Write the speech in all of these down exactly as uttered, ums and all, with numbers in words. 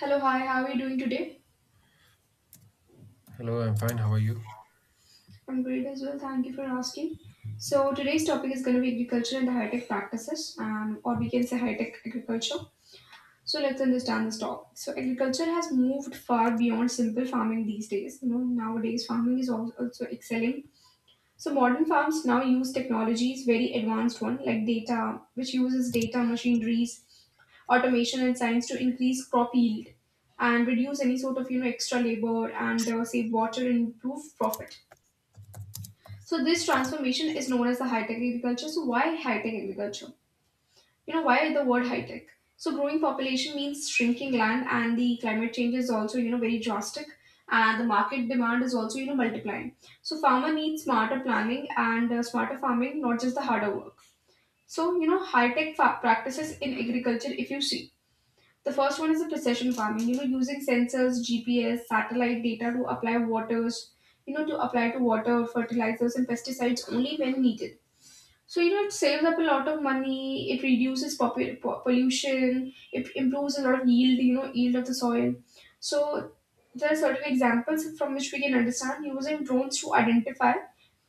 Hello, hi, how are you doing today? Hello, I'm fine. How are you? I'm great as well. Thank you for asking. So, today's topic is going to be agriculture and the high tech practices, um, or we can say high tech agriculture. So, let's understand this topic. So, agriculture has moved far beyond simple farming these days. You know, nowadays farming is al- also excelling. So, modern farms now use technologies, very advanced one like data, which uses data, machineries, automation, and science to increase crop yield and reduce any sort of you know extra labor, and uh, save water and improve profit. So this transformation is known as the high-tech agriculture. So why high-tech agriculture? You know why the word high-tech? So growing population means shrinking land, and the climate change is also you know very drastic, and the market demand is also you know multiplying. So farmer needs smarter planning and uh, smarter farming, not just the harder work. So you know high-tech fa- practices in agriculture. If you see. The first one is the precision farming, you know, using sensors, G P S, satellite data to apply waters, you know, to apply to water, fertilizers, and pesticides only when needed. So you know, it saves up a lot of money. It reduces popu- po- pollution. It improves a lot of yield. You know, yield of the soil. So there are certain examples from which we can understand using drones to identify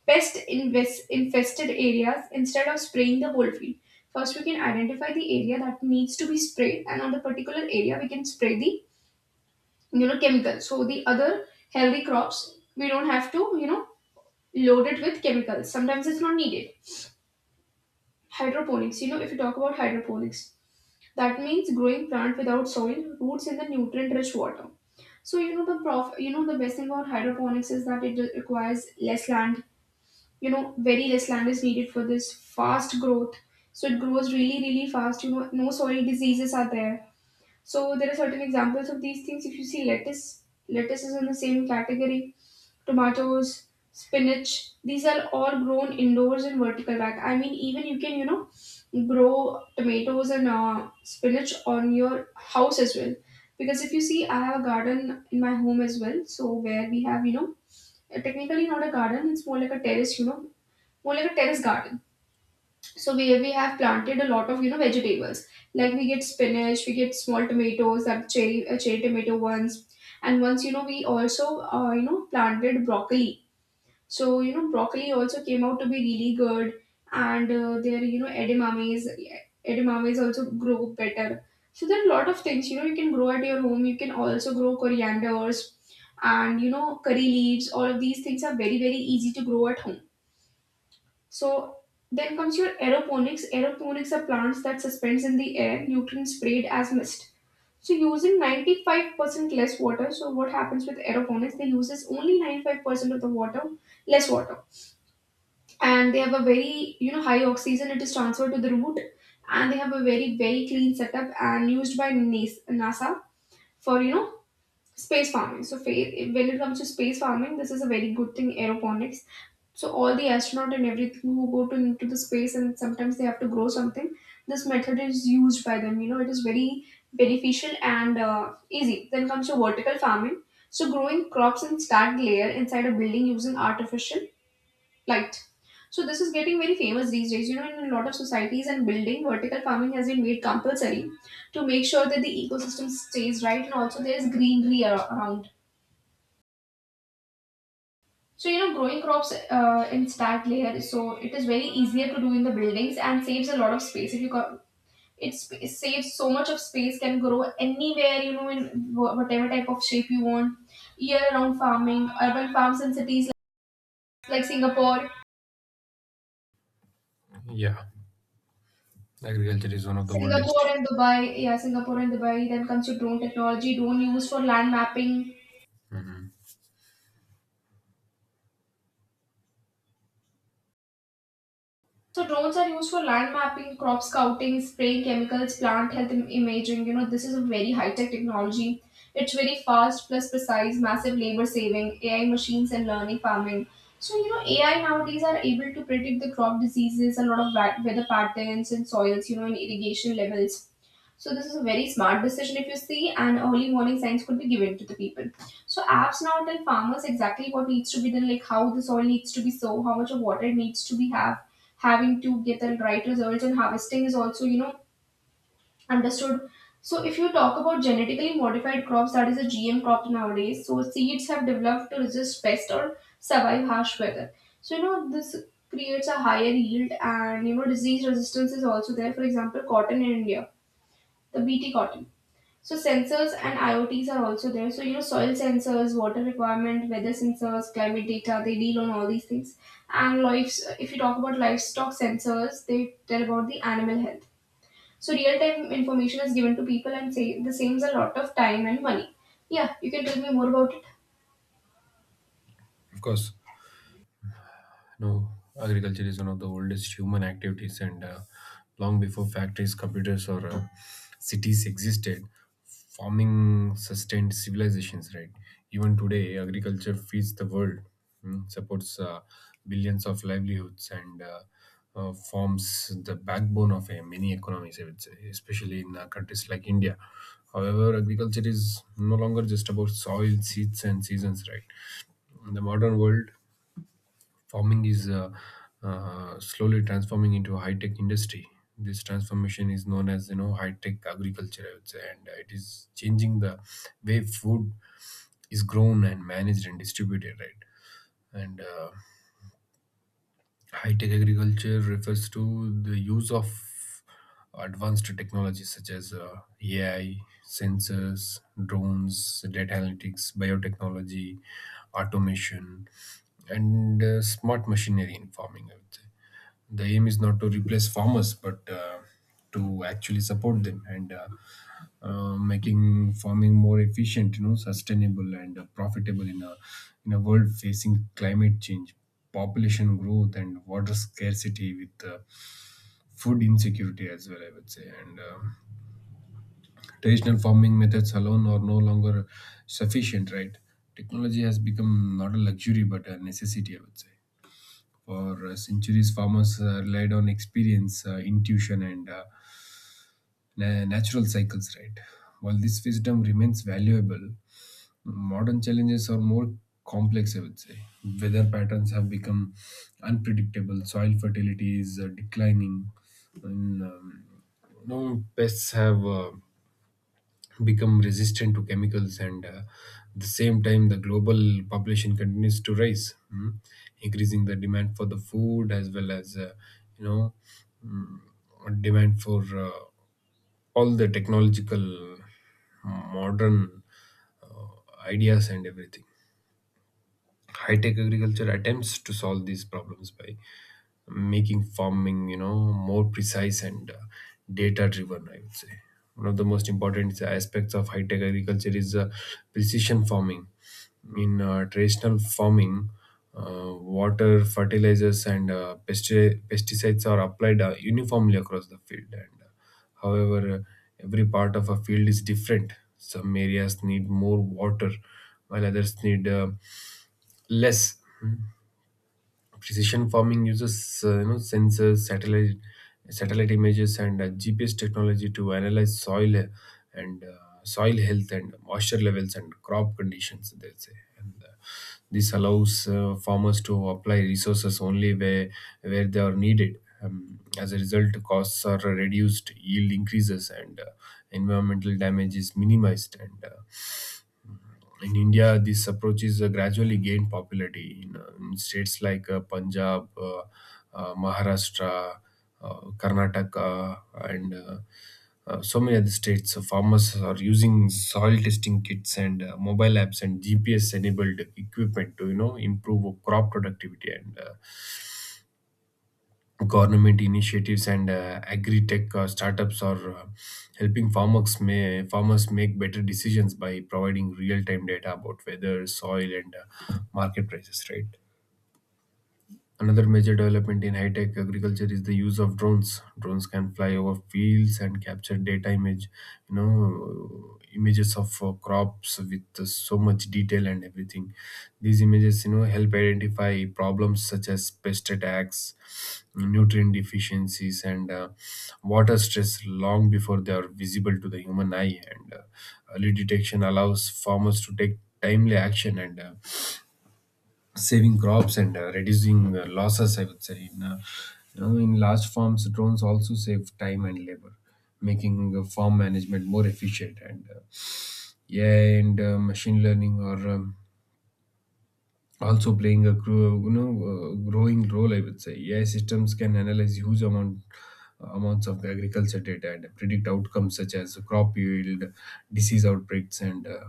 pest invest- infested areas instead of spraying the whole field. First, we can identify the area that needs to be sprayed, and on the particular area, we can spray the you know chemical. So the other healthy crops, we don't have to you know load it with chemicals. Sometimes it's not needed. Hydroponics. You know, if you talk about hydroponics, that means growing plant without soil, roots in the nutrient-rich water. So you know the prof, you know the best thing about hydroponics is that it requires less land. You know, very less land is needed for this fast growth. So it grows really, really fast. You know, no soil diseases are there. So there are certain examples of these things. If you see lettuce, lettuce, is in the same category, tomatoes, spinach. These are all grown indoors in vertical bag. I mean, even you can, you know, grow tomatoes and uh, spinach on your house as well. Because if you see, I have a garden in my home as well. So where we have, you know, uh, technically not a garden, it's more like a terrace, you know, more like a terrace garden. So where we have planted a lot of, you know, vegetables. Like we get spinach, we get small tomatoes, that cherry, uh, cherry tomato ones. And once, you know, we also, uh, you know, planted broccoli, so you know, broccoli also came out to be really good, and uh, their you know edamames, edamames also grow better. So there are a lot of things you know you can grow at your home. You can also grow corianders, and you know curry leaves. All of these things are very very easy to grow at home. So then comes your aeroponics. Aeroponics are plants that suspends in the air, nutrients sprayed as mist. So using ninety-five percent less water. So what happens with aeroponics? They uses only ninety-five percent of the water, less water, and they have a very you know high oxygen it is transferred to the root, and they have a very very clean setup and used by Nas- NASA for you know space farming. So fa- when it comes to space farming, this is a very good thing, aeroponics. So all the astronaut and everything who go to into the space, and sometimes they have to grow something, this method is used by them. You know it is very beneficial and uh, easy. Then comes to vertical farming. So growing crops in stacked layer inside a building using artificial light. So this is getting very famous these days. You know, in a lot of societies and building, vertical farming has been made compulsory to make sure that the ecosystem stays right and also there is greenery ar- around. So you know, growing crops uh, in stack layer, so it is very easier to do in the buildings and saves a lot of space. If you got, it sp- saves so much of space, can grow anywhere. You know, in wh- whatever type of shape you want. Year-round farming, urban farms in cities like Singapore Yeah, agriculture is one of the Singapore oldest. and Dubai, yeah, Singapore and Dubai. Then comes to drone technology, drone used for land mapping. Mhm. So drones are used for land mapping, crop scouting, spraying chemicals, plant health im- imaging. You know, this is a very high tech technology. It's very fast plus precise, massive labor saving, A I machines and learning farming. So you know, A I nowadays are able to predict the crop diseases, a lot of wa- weather patterns and soils, you know, and irrigation levels. So this is a very smart decision if you see, and early warning signs could be given to the people. So apps now tell farmers exactly what needs to be done, like how the soil needs to be sown, how much of water needs to be have having to get the right results, and harvesting is also you know understood. So if you talk about genetically modified crops, that is a G M crop nowadays. So seeds have developed to resist pests or survive harsh weather. So you know this creates a higher yield, and you know disease resistance is also there. For example, cotton in India, the B T cotton. So sensors and IoTs are also there. So you know, soil sensors, water requirement, weather sensors, climate data. They deal on all these things. And lives, if you talk about livestock sensors, they tell about the animal health. So real time information is given to people, and say the saves a lot of time and money. Yeah, you can tell me more about it. Of course. No, agriculture is one of the oldest human activities, and uh, long before factories, computers, or uh, cities existed, farming sustained civilizations. Right, even today, agriculture feeds the world, mm, supports uh, billions of livelihoods, and uh, uh, forms the backbone of uh, many economies, I would say, especially in uh, countries like India. However, agriculture is no longer just about soil, seeds, and seasons, right? In the modern world, farming is uh, uh, slowly transforming into a high-tech industry. This transformation is known as you know high-tech agriculture, I would say, and it is changing the way food is grown and managed and distributed, right? And uh, High-tech agriculture refers to the use of advanced technologies such as uh, A I, sensors, drones, data analytics, biotechnology, automation, and uh, smart machinery in farming. I would say the aim is not to replace farmers but uh, to actually support them and uh, uh, making farming more efficient, you know, sustainable, and uh, profitable in a in a world facing climate change, population growth, and water scarcity, with uh, food insecurity as well, I would say. And um Traditional farming methods alone are no longer sufficient, right? Technology has become not a luxury but a necessity, I would say. For uh, centuries, farmers uh, relied on experience, uh, intuition, and uh, na- natural cycles, right? While this wisdom remains valuable, modern challenges are more complex, I would say. Weather patterns have become unpredictable, soil fertility is uh, declining, and um, you know, pests have uh, become resistant to chemicals, and uh, at the same time the global population continues to rise, mm, increasing the demand for the food as well as uh, you know demand for uh, all the technological modern uh, ideas and everything. High tech agriculture attempts to solve these problems by making farming, you know, more precise and uh, data driven, I would say. One of the most important aspects of high tech agriculture is uh, precision farming. In uh, traditional farming, uh, water, fertilizers, and uh, pesti- pesticides are applied uh, uniformly across the field, and uh, however uh, every part of a field is different. Some areas need more water while others need uh, less. Precision farming uses uh, you know sensors, satellite satellite images, and uh, GPS technology to analyze soil uh, and uh, soil health and moisture levels and crop conditions, they say. And uh, This allows uh, farmers to apply resources only where where they are needed. Um, as a result, costs are reduced, yield increases, and uh, environmental damage is minimized. And uh, In India, this approach is uh, gradually gained popularity in, uh, in states like uh, Punjab, uh, uh, Maharashtra, uh, Karnataka, and uh, uh, so many other states. So farmers are using soil testing kits and uh, mobile apps and G P S-enabled equipment to, you know, improve crop productivity, and uh, government initiatives and uh, agri-tech uh, startups are uh, helping farmers may, farmers make better decisions by providing real-time data about weather, soil, and uh, market prices, right? Another major development in high-tech agriculture is the use of drones. Drones can fly over fields and capture data image, you know, images of uh, crops with uh, so much detail and everything. These images, you know, help identify problems such as pest attacks, nutrient deficiencies, and uh, water stress long before they are visible to the human eye. And uh, early detection allows farmers to take timely action and uh, saving crops and uh, reducing uh, losses, I would say. In uh, you know, in large farms drones also save time and labor, making uh, farm management more efficient, and uh, AI and uh, machine learning are um, also playing a grow, you know uh, growing role, I would say. AI systems can analyze huge amount amounts of agriculture data and predict outcomes such as crop yield, disease outbreaks, and uh,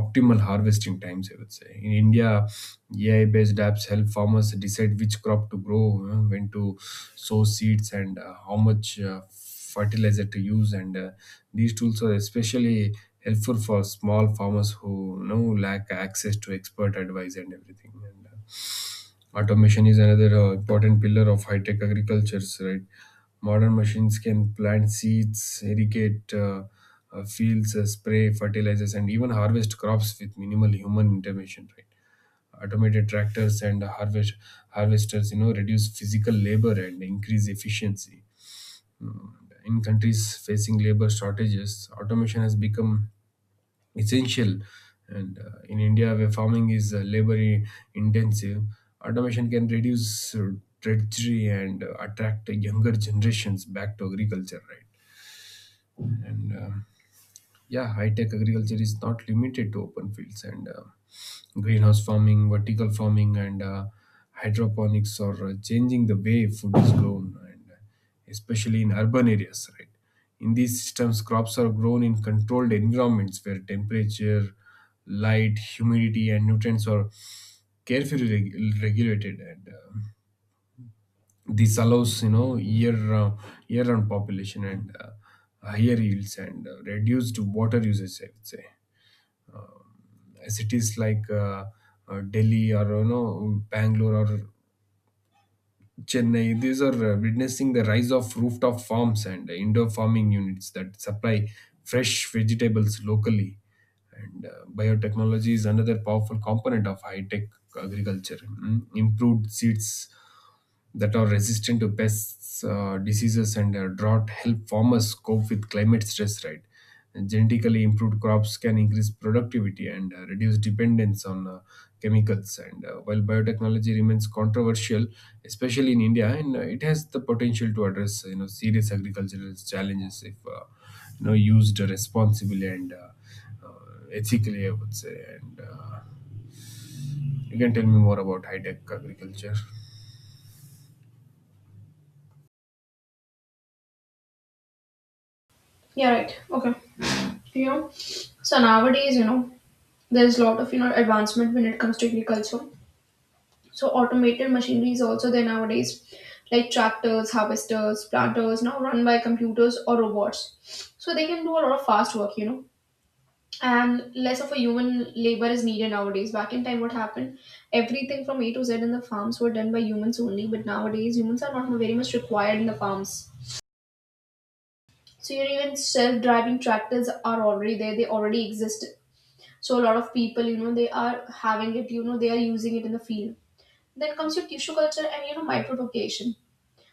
optimal harvesting times, I would say. In India, AI based apps help farmers decide which crop to grow, you know, when to sow seeds and uh, how much uh, fertilizer to use, and uh, these tools are especially helpful for small farmers who, you know, lack access to expert advice and everything. And uh, automation is another uh, important pillar of high tech agriculture, right? Modern machines can plant seeds, irrigate uh, uh, fields, uh, spray fertilizers, and even harvest crops with minimal human intervention, right? Automated tractors and harvest harvesters, you know, reduce physical labor and increase efficiency. Mm, in countries facing labor shortages, automation has become essential. And uh, in India, where farming is uh, labor i- intensive, automation can reduce uh, drudgery and uh, attract younger generations back to agriculture, right? And um Yeah, high tech agriculture is not limited to open fields, and uh, greenhouse farming, vertical farming, and uh, hydroponics are uh, changing the way food is grown, and uh, especially in urban areas, right? In these systems, crops are grown in controlled environments where temperature, light, humidity, and nutrients are carefully reg- regulated, and uh, this allows, you know, year round year round population and uh, higher yields and uh, reduced water usage, I would say. Cities like uh, uh, Delhi or, you know, Bangalore or Chennai. These are uh, witnessing the rise of rooftop farms and indoor farming units that supply fresh vegetables locally. And uh, biotechnology is another powerful component of high tech agriculture. Mm, improved seeds that are resistant to pests, uh, diseases, and uh, drought help farmers cope with climate stress, right? And genetically improved crops can increase productivity and uh, reduce dependence on uh, chemicals. And uh, while biotechnology remains controversial, especially in India, and uh, it has the potential to address, you know, serious agricultural challenges if uh, you know used responsibly and uh, uh, ethically, I would say. And uh, you can tell me more about high tech agriculture. Yeah, right. Okay. You know, so nowadays, you know, there's a lot of you know advancement when it comes to agriculture. So automated machinery is also there nowadays, like tractors, harvesters, planters, now run by computers or robots. So they can do a lot of fast work, you know, and less of a human labor is needed nowadays. Back in time, what happened? Everything from A to Z in the farms were done by humans only, but nowadays humans are not very much required in the farms. So you know, even self-driving tractors are already there; they already exist. So a lot of people, you know, they are having it. You know, they are using it in the field. Then comes your tissue culture and you know microbial.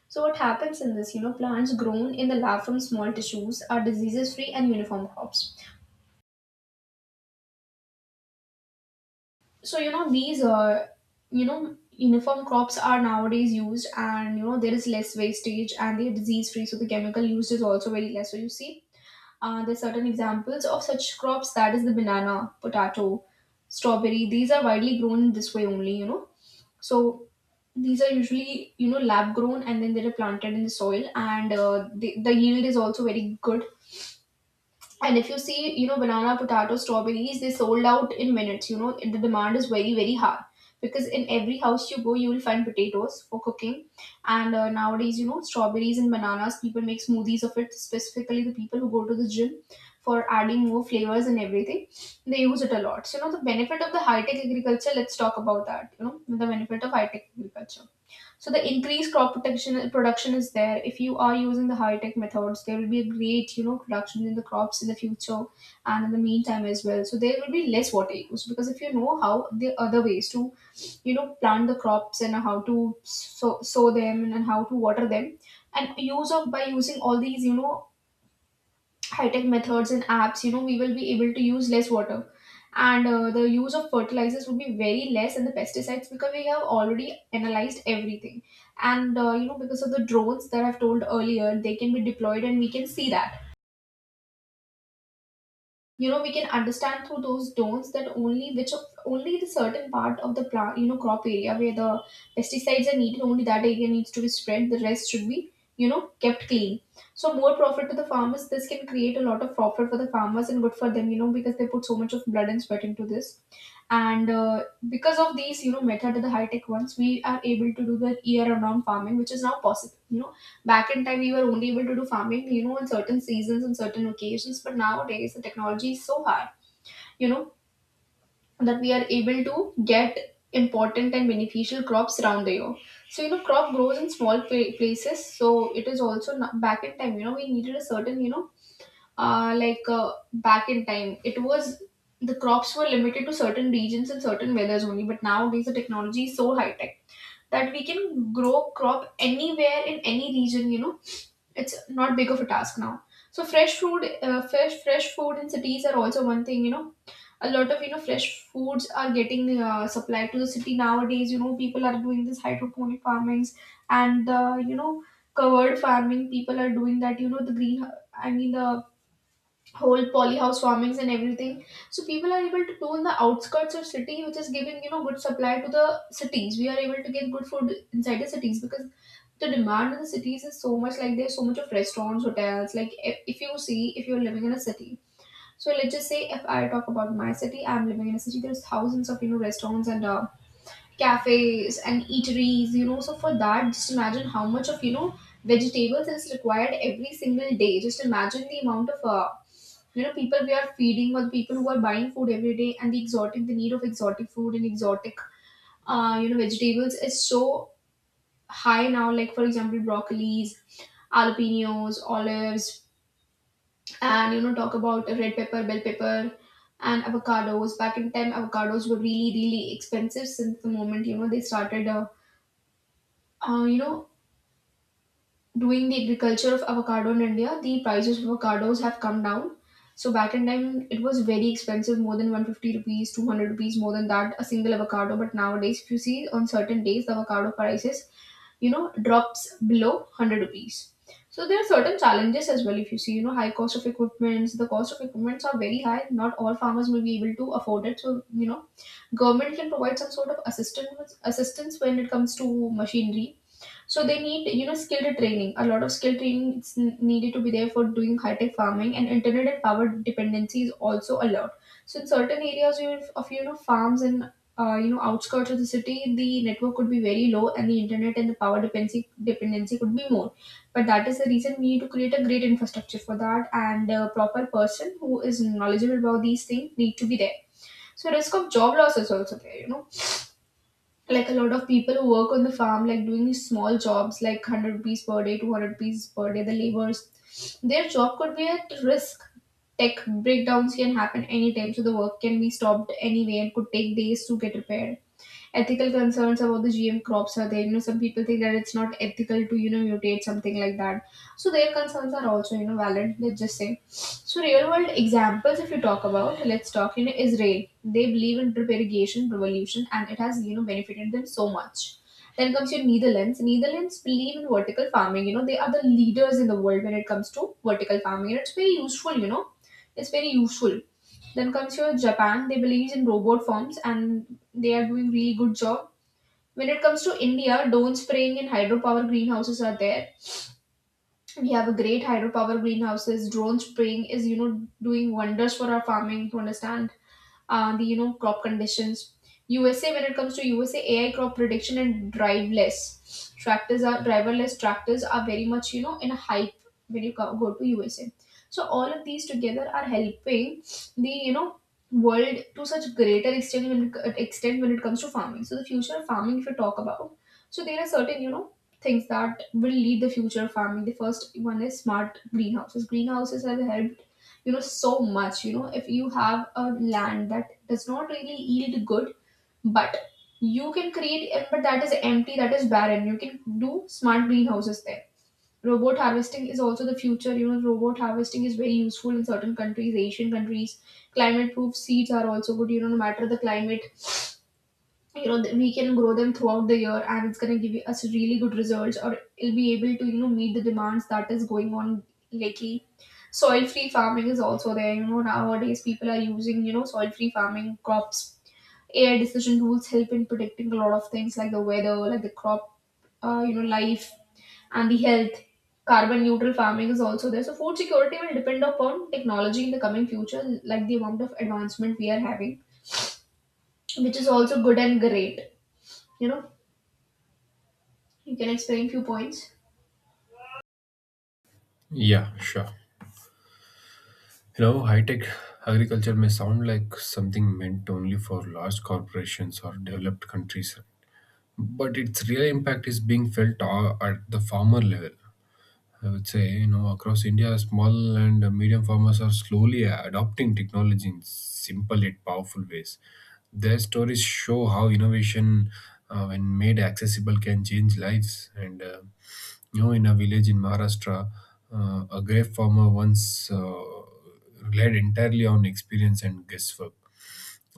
So what happens in this, you know, plants grown in the lab from small tissues are diseases free and uniform crops. So you know these uh, you know uniform crops are nowadays used, and you know there is less wastage and they're disease free, so the chemical used is also very less. So you see, uh, there's certain examples of such crops, that is the banana, potato, strawberry. These are widely grown in this way only, you know. So these are usually you know lab grown and then they're planted in the soil, and uh, the, the yield is also very good. And if you see, you know, banana, potato, strawberries, they sold out in minutes. You know, the demand is very, very high because in every house you go, you will find potatoes for cooking. And uh, nowadays, you know, strawberries and bananas, people make smoothies of it, specifically the people who go to the gym for adding more flavors and everything. They use it a lot. So, you know, the benefit of the high tech agriculture, let's talk about that. You know, the benefit of high tech agriculture. So the increased crop protection production is there. If you are using the high tech methods, there will be a great you know production in the crops in the future and in the meantime as well. So there will be less water use because if you know how the other ways to you know plant the crops and how to sow, sow them and how to water them, and use of by using all these you know high tech methods and apps, you know, we will be able to use less water. And uh, the use of fertilizers would be very less and the pesticides because we have already analyzed everything. And, uh, you know, because of the drones that I've told earlier, they can be deployed, and we can see that, you know we can understand through those don'ts that only which of only the certain part of the plant, you know crop area where the pesticides are needed. Only that area needs to be spread, the rest should be, you know kept clean. So more profit to the farmers. This can create a lot of profit for the farmers and good for them, you know because they put so much of blood and sweat into this. And uh, because of these, you know method of the high tech ones, we are able to do the year round farming, which is now possible. You know back in time, we were only able to do farming, you know in certain seasons and certain occasions. But nowadays, the technology is so high, you know that we are able to get important and beneficial crops around the year. So, you know crop grows in small pla- places, so it is also not. Back in time, you know we needed a certain, you know uh, like uh, back in time it was, the crops were limited to certain regions and certain weathers only. But nowadays, the technology is so high tech that we can grow crop anywhere in any region, you know it's not big of a task now. So fresh food, uh, fresh fresh food in cities are also one thing. You know a lot of, you know fresh foods are getting uh, supplied to the city nowadays. You know people are doing this hydroponic farmings, and uh, you know covered farming people are doing that, you know the green, i mean the whole polyhouse farmings and everything. So people are able to do in the outskirts of city, which is giving, you know good supply to the cities. We are able to get good food inside the cities because the demand in the cities is so much. Like, there's so much of restaurants, hotels. Like, if, if you see, if you're living in a city. So let's just say, if I talk about my city, I'm living in a city, there's thousands of, you know restaurants and uh, cafes and eateries. You know so for that, just imagine how much of, you know vegetables is required every single day. Just imagine the amount of, uh, you know people we are feeding, or the people who are buying food every day, and the exotic, the need of exotic food and exotic, uh, you know vegetables is so high now. Like for example, broccolis, jalapenos, olives, and, you know talk about red pepper, bell pepper, and avocados. Back in time, avocados were really really expensive. Since the moment, you know they started, uh, uh, you know doing the agriculture of avocado in India, the prices of avocados have come down. So back in time, it was very expensive, more than one hundred fifty rupees, two hundred rupees, more than that, a single avocado. But nowadays, if you see, on certain days, the avocado prices, you know, drops below one hundred rupees. So there are certain challenges as well. If you see, you know, high cost of equipments, the cost of equipments are very high. Not all farmers will be able to afford it. So, you know, government can provide some sort of assistance assistance when it comes to machinery. So they need, you know, skilled training. A lot of skill training is n- needed to be there for doing high-tech farming, and internet and power dependency is also a lot. So in certain areas you- of, you know farms and, uh, you know outskirts of the city, the network could be very low, and the internet and the power dependency dependency could be more. But that is the reason we need to create a great infrastructure for that, and a proper person who is knowledgeable about these things need to be there. So risk of job loss is also there. You know like a lot of people who work on the farm, like doing small jobs like one hundred rupees per day, two hundred rupees per day, the laborers, their job could be at risk. Tech breakdowns can happen anytime, so the work can be stopped anyway and could take days to get repaired. Ethical concerns about the G M crops are there. You know, some people think that it's not ethical to, you know mutate something like that. So their concerns are also, you know valid. Let's just say. So real world examples, if you talk about, let's talk. You know, Israel. They believe in drip irrigation revolution, and it has, you know benefited them so much. Then comes your Netherlands. Netherlands believe in vertical farming. You know, they are the leaders in the world when it comes to vertical farming, and it's very useful. You know, it's very useful. Then comes your Japan, they believe in robot farms and they are doing really good job. When it comes to India, drone spraying and hydropower greenhouses are there. We have a great hydropower greenhouses. Drone spraying is, you know doing wonders for our farming to understand uh, the, you know crop conditions. U S A, when it comes to U S A, A I crop prediction and driveless tractors are driverless tractors are very much, you know in a hype when you co- go to U S A. So all of these together are helping the, you know world, to such greater extent, when it, extent when it comes to farming. So the future of farming, if you talk about, so there are certain, you know things that will lead the future of farming. The first one is smart greenhouses. Greenhouses have helped, you know so much. You know if you have a land that does not really yield good, but you can create, but that is empty, that is barren, you can do smart greenhouses there. Robot harvesting is also the future. You know robot harvesting is very useful in certain countries, Asian countries. Climate proof seeds are also good. You know no matter the climate, you know that we can grow them throughout the year, and it's going to give us really good results, or it'll be able to, you know meet the demands that is going on lately. Soil free farming is also there. You know nowadays people are using, you know soil free farming crops. AI decision rules help in predicting a lot of things, like the weather, like the crop, uh, you know life and the health. Carbon neutral farming is also there. So food security will depend upon technology in the coming future, like the amount of advancement we are having, which is also good and great. you know You can explain few points. Yeah, sure. You know, high tech agriculture may sound like something meant only for large corporations or developed countries, but its real impact is being felt a- at the farmer level, I would say. You know, across India, small and medium farmers are slowly adopting technology in simple yet powerful ways. Their stories show how innovation, uh, when made accessible, can change lives. And, uh, you know, in a village in Maharashtra, uh, a grape farmer once uh, relied entirely on experience and guesswork.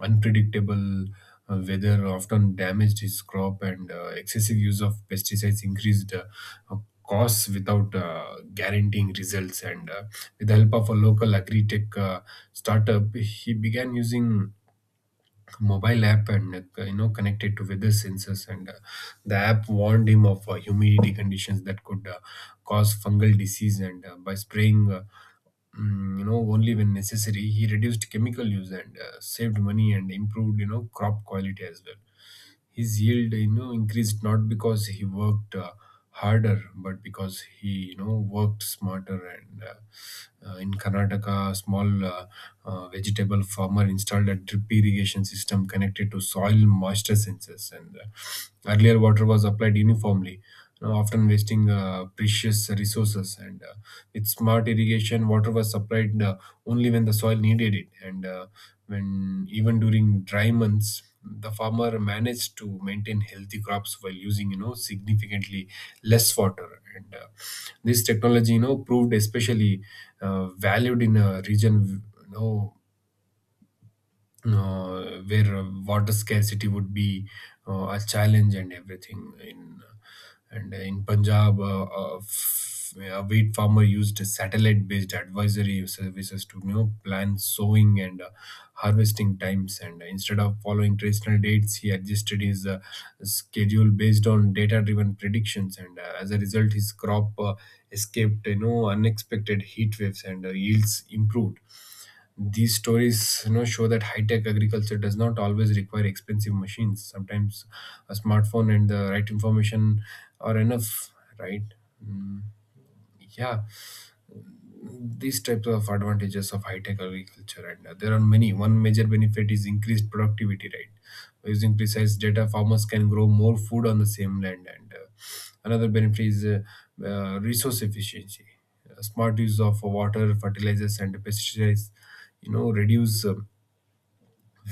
Unpredictable uh, weather often damaged his crop, and uh, excessive use of pesticides increased uh, uh, costs without uh, guaranteeing results. And uh, with the help of a local agri tech uh, startup, he began using mobile app and uh, you know connected to weather sensors, and uh, the app warned him of uh, humidity conditions that could uh, cause fungal disease, and uh, by spraying uh, mm, you know, only when necessary, he reduced chemical use and uh, saved money and improved, you know, crop quality as well. His yield, you know, increased not because he worked uh, harder, but because he, you know, worked smarter. And uh, uh, in Karnataka, a small uh, uh, vegetable farmer installed a drip irrigation system connected to soil moisture sensors, and uh, earlier water was applied uniformly, you know, often wasting uh, precious resources. And uh, with smart irrigation, water was supplied uh, only when the soil needed it, and uh, when even during dry months the farmer managed to maintain healthy crops while using, you know, significantly less water, and uh, this technology, you know, proved especially uh, valued in a region, you know, uh, where uh, water scarcity would be uh, a challenge and everything. In and in Punjab, uh, a, f- a wheat farmer used satellite based advisory services to, you know, plan sowing and uh, harvesting times, and instead of following traditional dates he adjusted his uh, schedule based on data driven predictions, and uh, as a result his crop uh, escaped, you know, unexpected heat waves, and uh, yields improved. These stories, you know, show that high-tech agriculture does not always require expensive machines. Sometimes a smartphone and the right information are enough, right? Mm, yeah, these types of advantages of high-tech agriculture, and uh, there are many. One major benefit is increased productivity, right? By using precise data, farmers can grow more food on the same land, and uh, another benefit is uh, uh, resource efficiency. Uh, smart use of water, fertilizers, and pesticides, you know, reduce um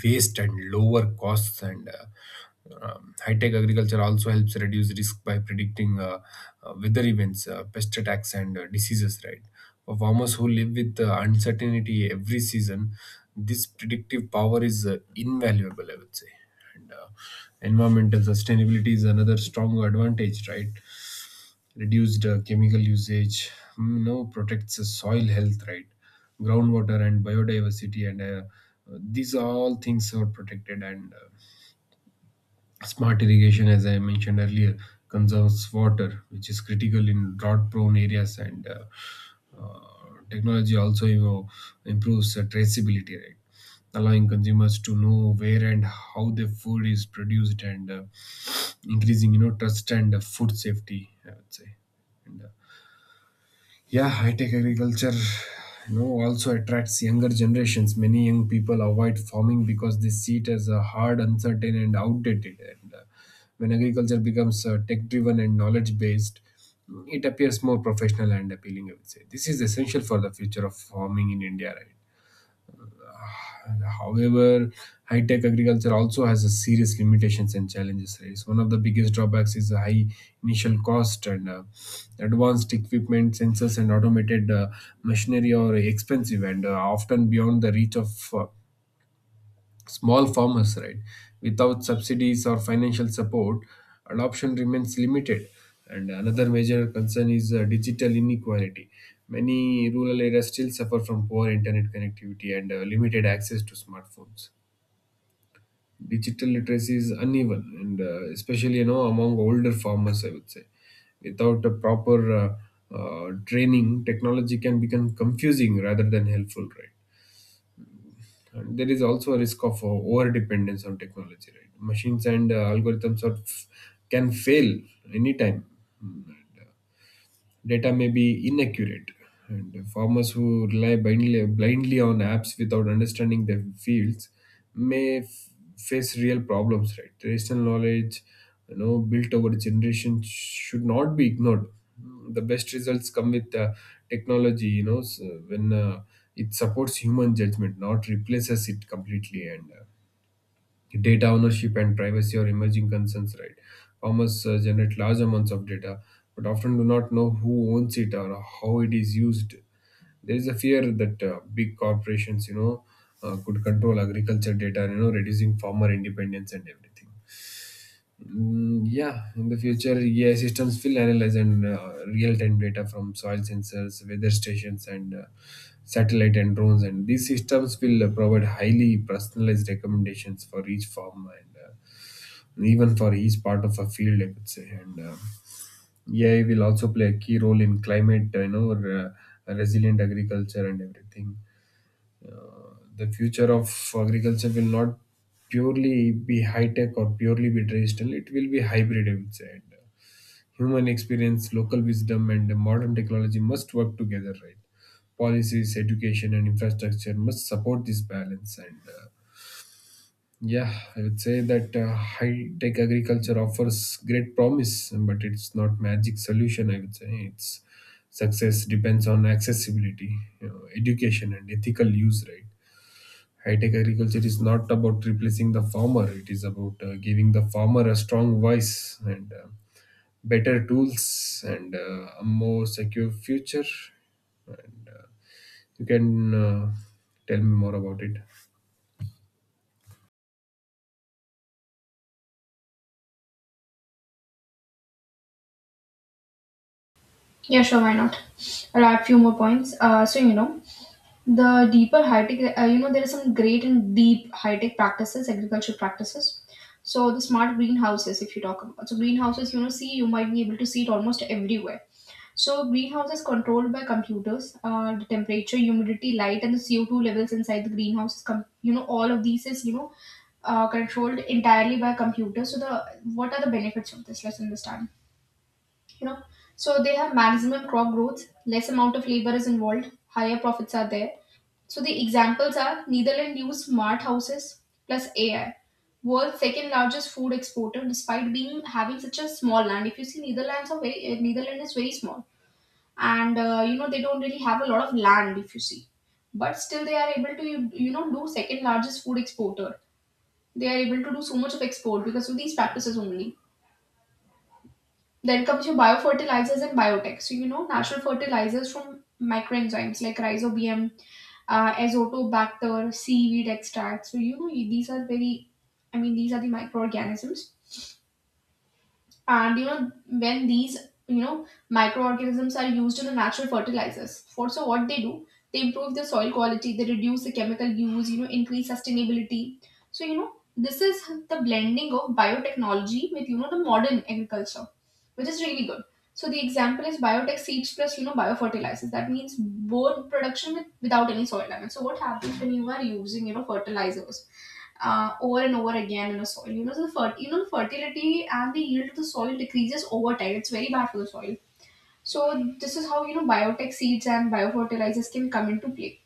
waste and lower costs, and uh, um, high-tech agriculture also helps reduce risk by predicting uh, uh, weather events, uh, pest attacks, and uh, diseases, right? For farmers who live with uh, uncertainty every season, this predictive power is uh, invaluable, I would say. And uh, environmental sustainability is another strong advantage, right? Reduced uh, chemical usage, mm, you know, protects the soil health, right? Groundwater and biodiversity, and uh, uh, these are all things are protected. And uh, Smart irrigation, as I mentioned earlier, conserves water, which is critical in drought-prone areas. And uh, uh, Technology also, you know, improves uh, traceability, right? Allowing consumers to know where and how their food is produced, and uh, increasing, you know trust and, uh, food safety, I would say. And uh, Yeah, high-tech agriculture, you know, also attracts younger generations. Many young people avoid farming because they see it as a hard, uncertain, and outdated. And uh, When agriculture becomes uh, tech-driven and knowledge-based, it appears more professional and appealing. I would say this is essential for the future of farming in India, right? However, high-tech agriculture also has a serious limitations and challenges. Right? So one of the biggest drawbacks is the high initial cost, and uh, advanced equipment, sensors, and automated uh, machinery are expensive and, uh, often beyond the reach of uh, small farmers. Right? Without subsidies or financial support, adoption remains limited. And another major concern is uh, digital inequality. Many rural areas still suffer from poor internet connectivity and, uh, limited access to smartphones. Digital literacy is uneven, and uh, especially, you know among older farmers, I would say. Without a proper uh, uh, training, technology can become confusing rather than helpful, right? And there is also a risk of uh, over dependence on technology, right? Machines and uh, algorithms are f- can fail anytime. Mm, data may be inaccurate. And farmers who rely blindly, blindly on apps without understanding their fields may f- face real problems, right? Traditional knowledge, you know, built over generations should not be ignored. The best results come with uh, technology, you know, s when uh, it supports human judgment, not replaces it completely. And uh, Data ownership and privacy are emerging concerns, right? Farmers uh, generate large amounts of data, but often do not know who owns it or how it is used. There is a fear that uh, big corporations, you know uh, could control agriculture data, you know reducing farmer independence and everything. Mm, yeah, in the future, A I systems will analyze and uh, real-time data from soil sensors, weather stations, and uh, satellite and drones. And these systems will uh, provide highly personalized recommendations for each farm, and uh, even for each part of a field, I could say. And uh, A I will also play a key role in climate, uh, you know, or, uh, resilient agriculture and everything. Uh, the future of agriculture will not purely be high tech or purely be traditional. It will be hybrid, I would say. And, uh, human experience, local wisdom, and uh, modern technology must work together, right? Policies, education, and infrastructure must support this balance. And uh, Yeah, I would say that uh, high tech agriculture offers great promise, but it's not magic solution. I would say it's success depends on accessibility, you know, education, and ethical use, right? High tech agriculture is not about replacing the farmer, it is about uh, giving the farmer a strong voice, and uh, better tools, and uh, a more secure future. And uh, You can uh, tell me more about it. Yeah, sure, why not? I'll add few more points. Uh, so, you know, the deeper high tech, uh, you know, there are some great and deep high tech practices, agriculture practices. So the smart greenhouses, if you talk about, so greenhouses, you know, see, you might be able to see it almost everywhere. So greenhouse is controlled by computers. Uh, the temperature, humidity, light, and the C O two levels inside the greenhouse is, com- you know, all of these is, you know, uh, controlled entirely by computers. So the what are the benefits of this? Let's understand. you know so they have maximum crop growth, less amount of labor is involved, higher profits are there. So the examples are, Netherlands use smart houses plus AI. World's second largest food exporter, despite being having such a small land. If you see, Netherlands are very, uh, Netherlands is very small. And uh, you know they don't really have a lot of land, if you see, but still they are able to you, you know do second largest food exporter. They are able to do so much of export because of these practices only. Then comes your biofertilizers and biotech. So you know natural fertilizers from microenzymes like rhizobium, uh, azotobacter, seaweed extract. So you know these are very, I mean these are the microorganisms, and, you know when these, you know microorganisms are used in the natural fertilizers, for so what they do, they improve the soil quality, they reduce the chemical use, you know increase sustainability. So you know this is the blending of biotechnology with, you know the modern agriculture, which is really good. So the example is biotech seeds plus, you know biofertilizers, that means both production with, without any soil damage. So what happens when you are using, you know fertilizers, uh, over and over again in the soil. You know, so the fer- you know the fertility and the yield of the soil decreases over time. It's very bad for the soil. So this is how, you know biotech seeds and biofertilizers can come into play.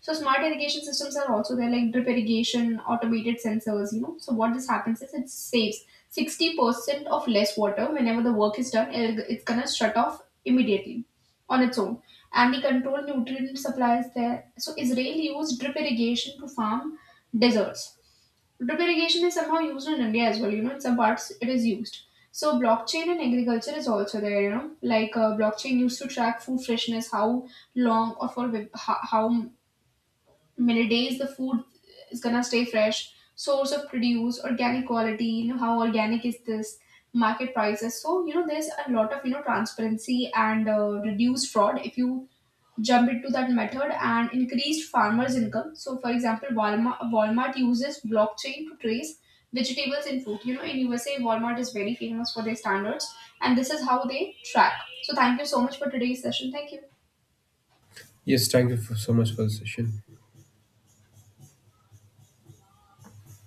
So smart irrigation systems are also there, like drip irrigation, automated sensors. You know, so what this happens is it saves sixty percent of less water whenever the work is done. it- It's gonna shut off immediately on its own, and the controlled nutrient supplies there. So Israel used drip irrigation to farm deserts. Drip irrigation is somehow used in India as well. You know, in some parts it is used. So blockchain in agriculture is also there. You know, like uh, blockchain used to track food freshness, how long or for whi- ho- how many days the food is gonna stay fresh, source of produce, organic quality, you know how organic is this, market prices. So you know there's a lot of, you know transparency and, uh, reduced fraud if you jump into that method, and increased farmers income. So for example, walmart, walmart uses blockchain to trace vegetables and fruit. You know in U S A, Walmart is very famous for their standards, and this is how they track. So thank you so much for today's session. Thank you. Yes, thank you for, so much for the session.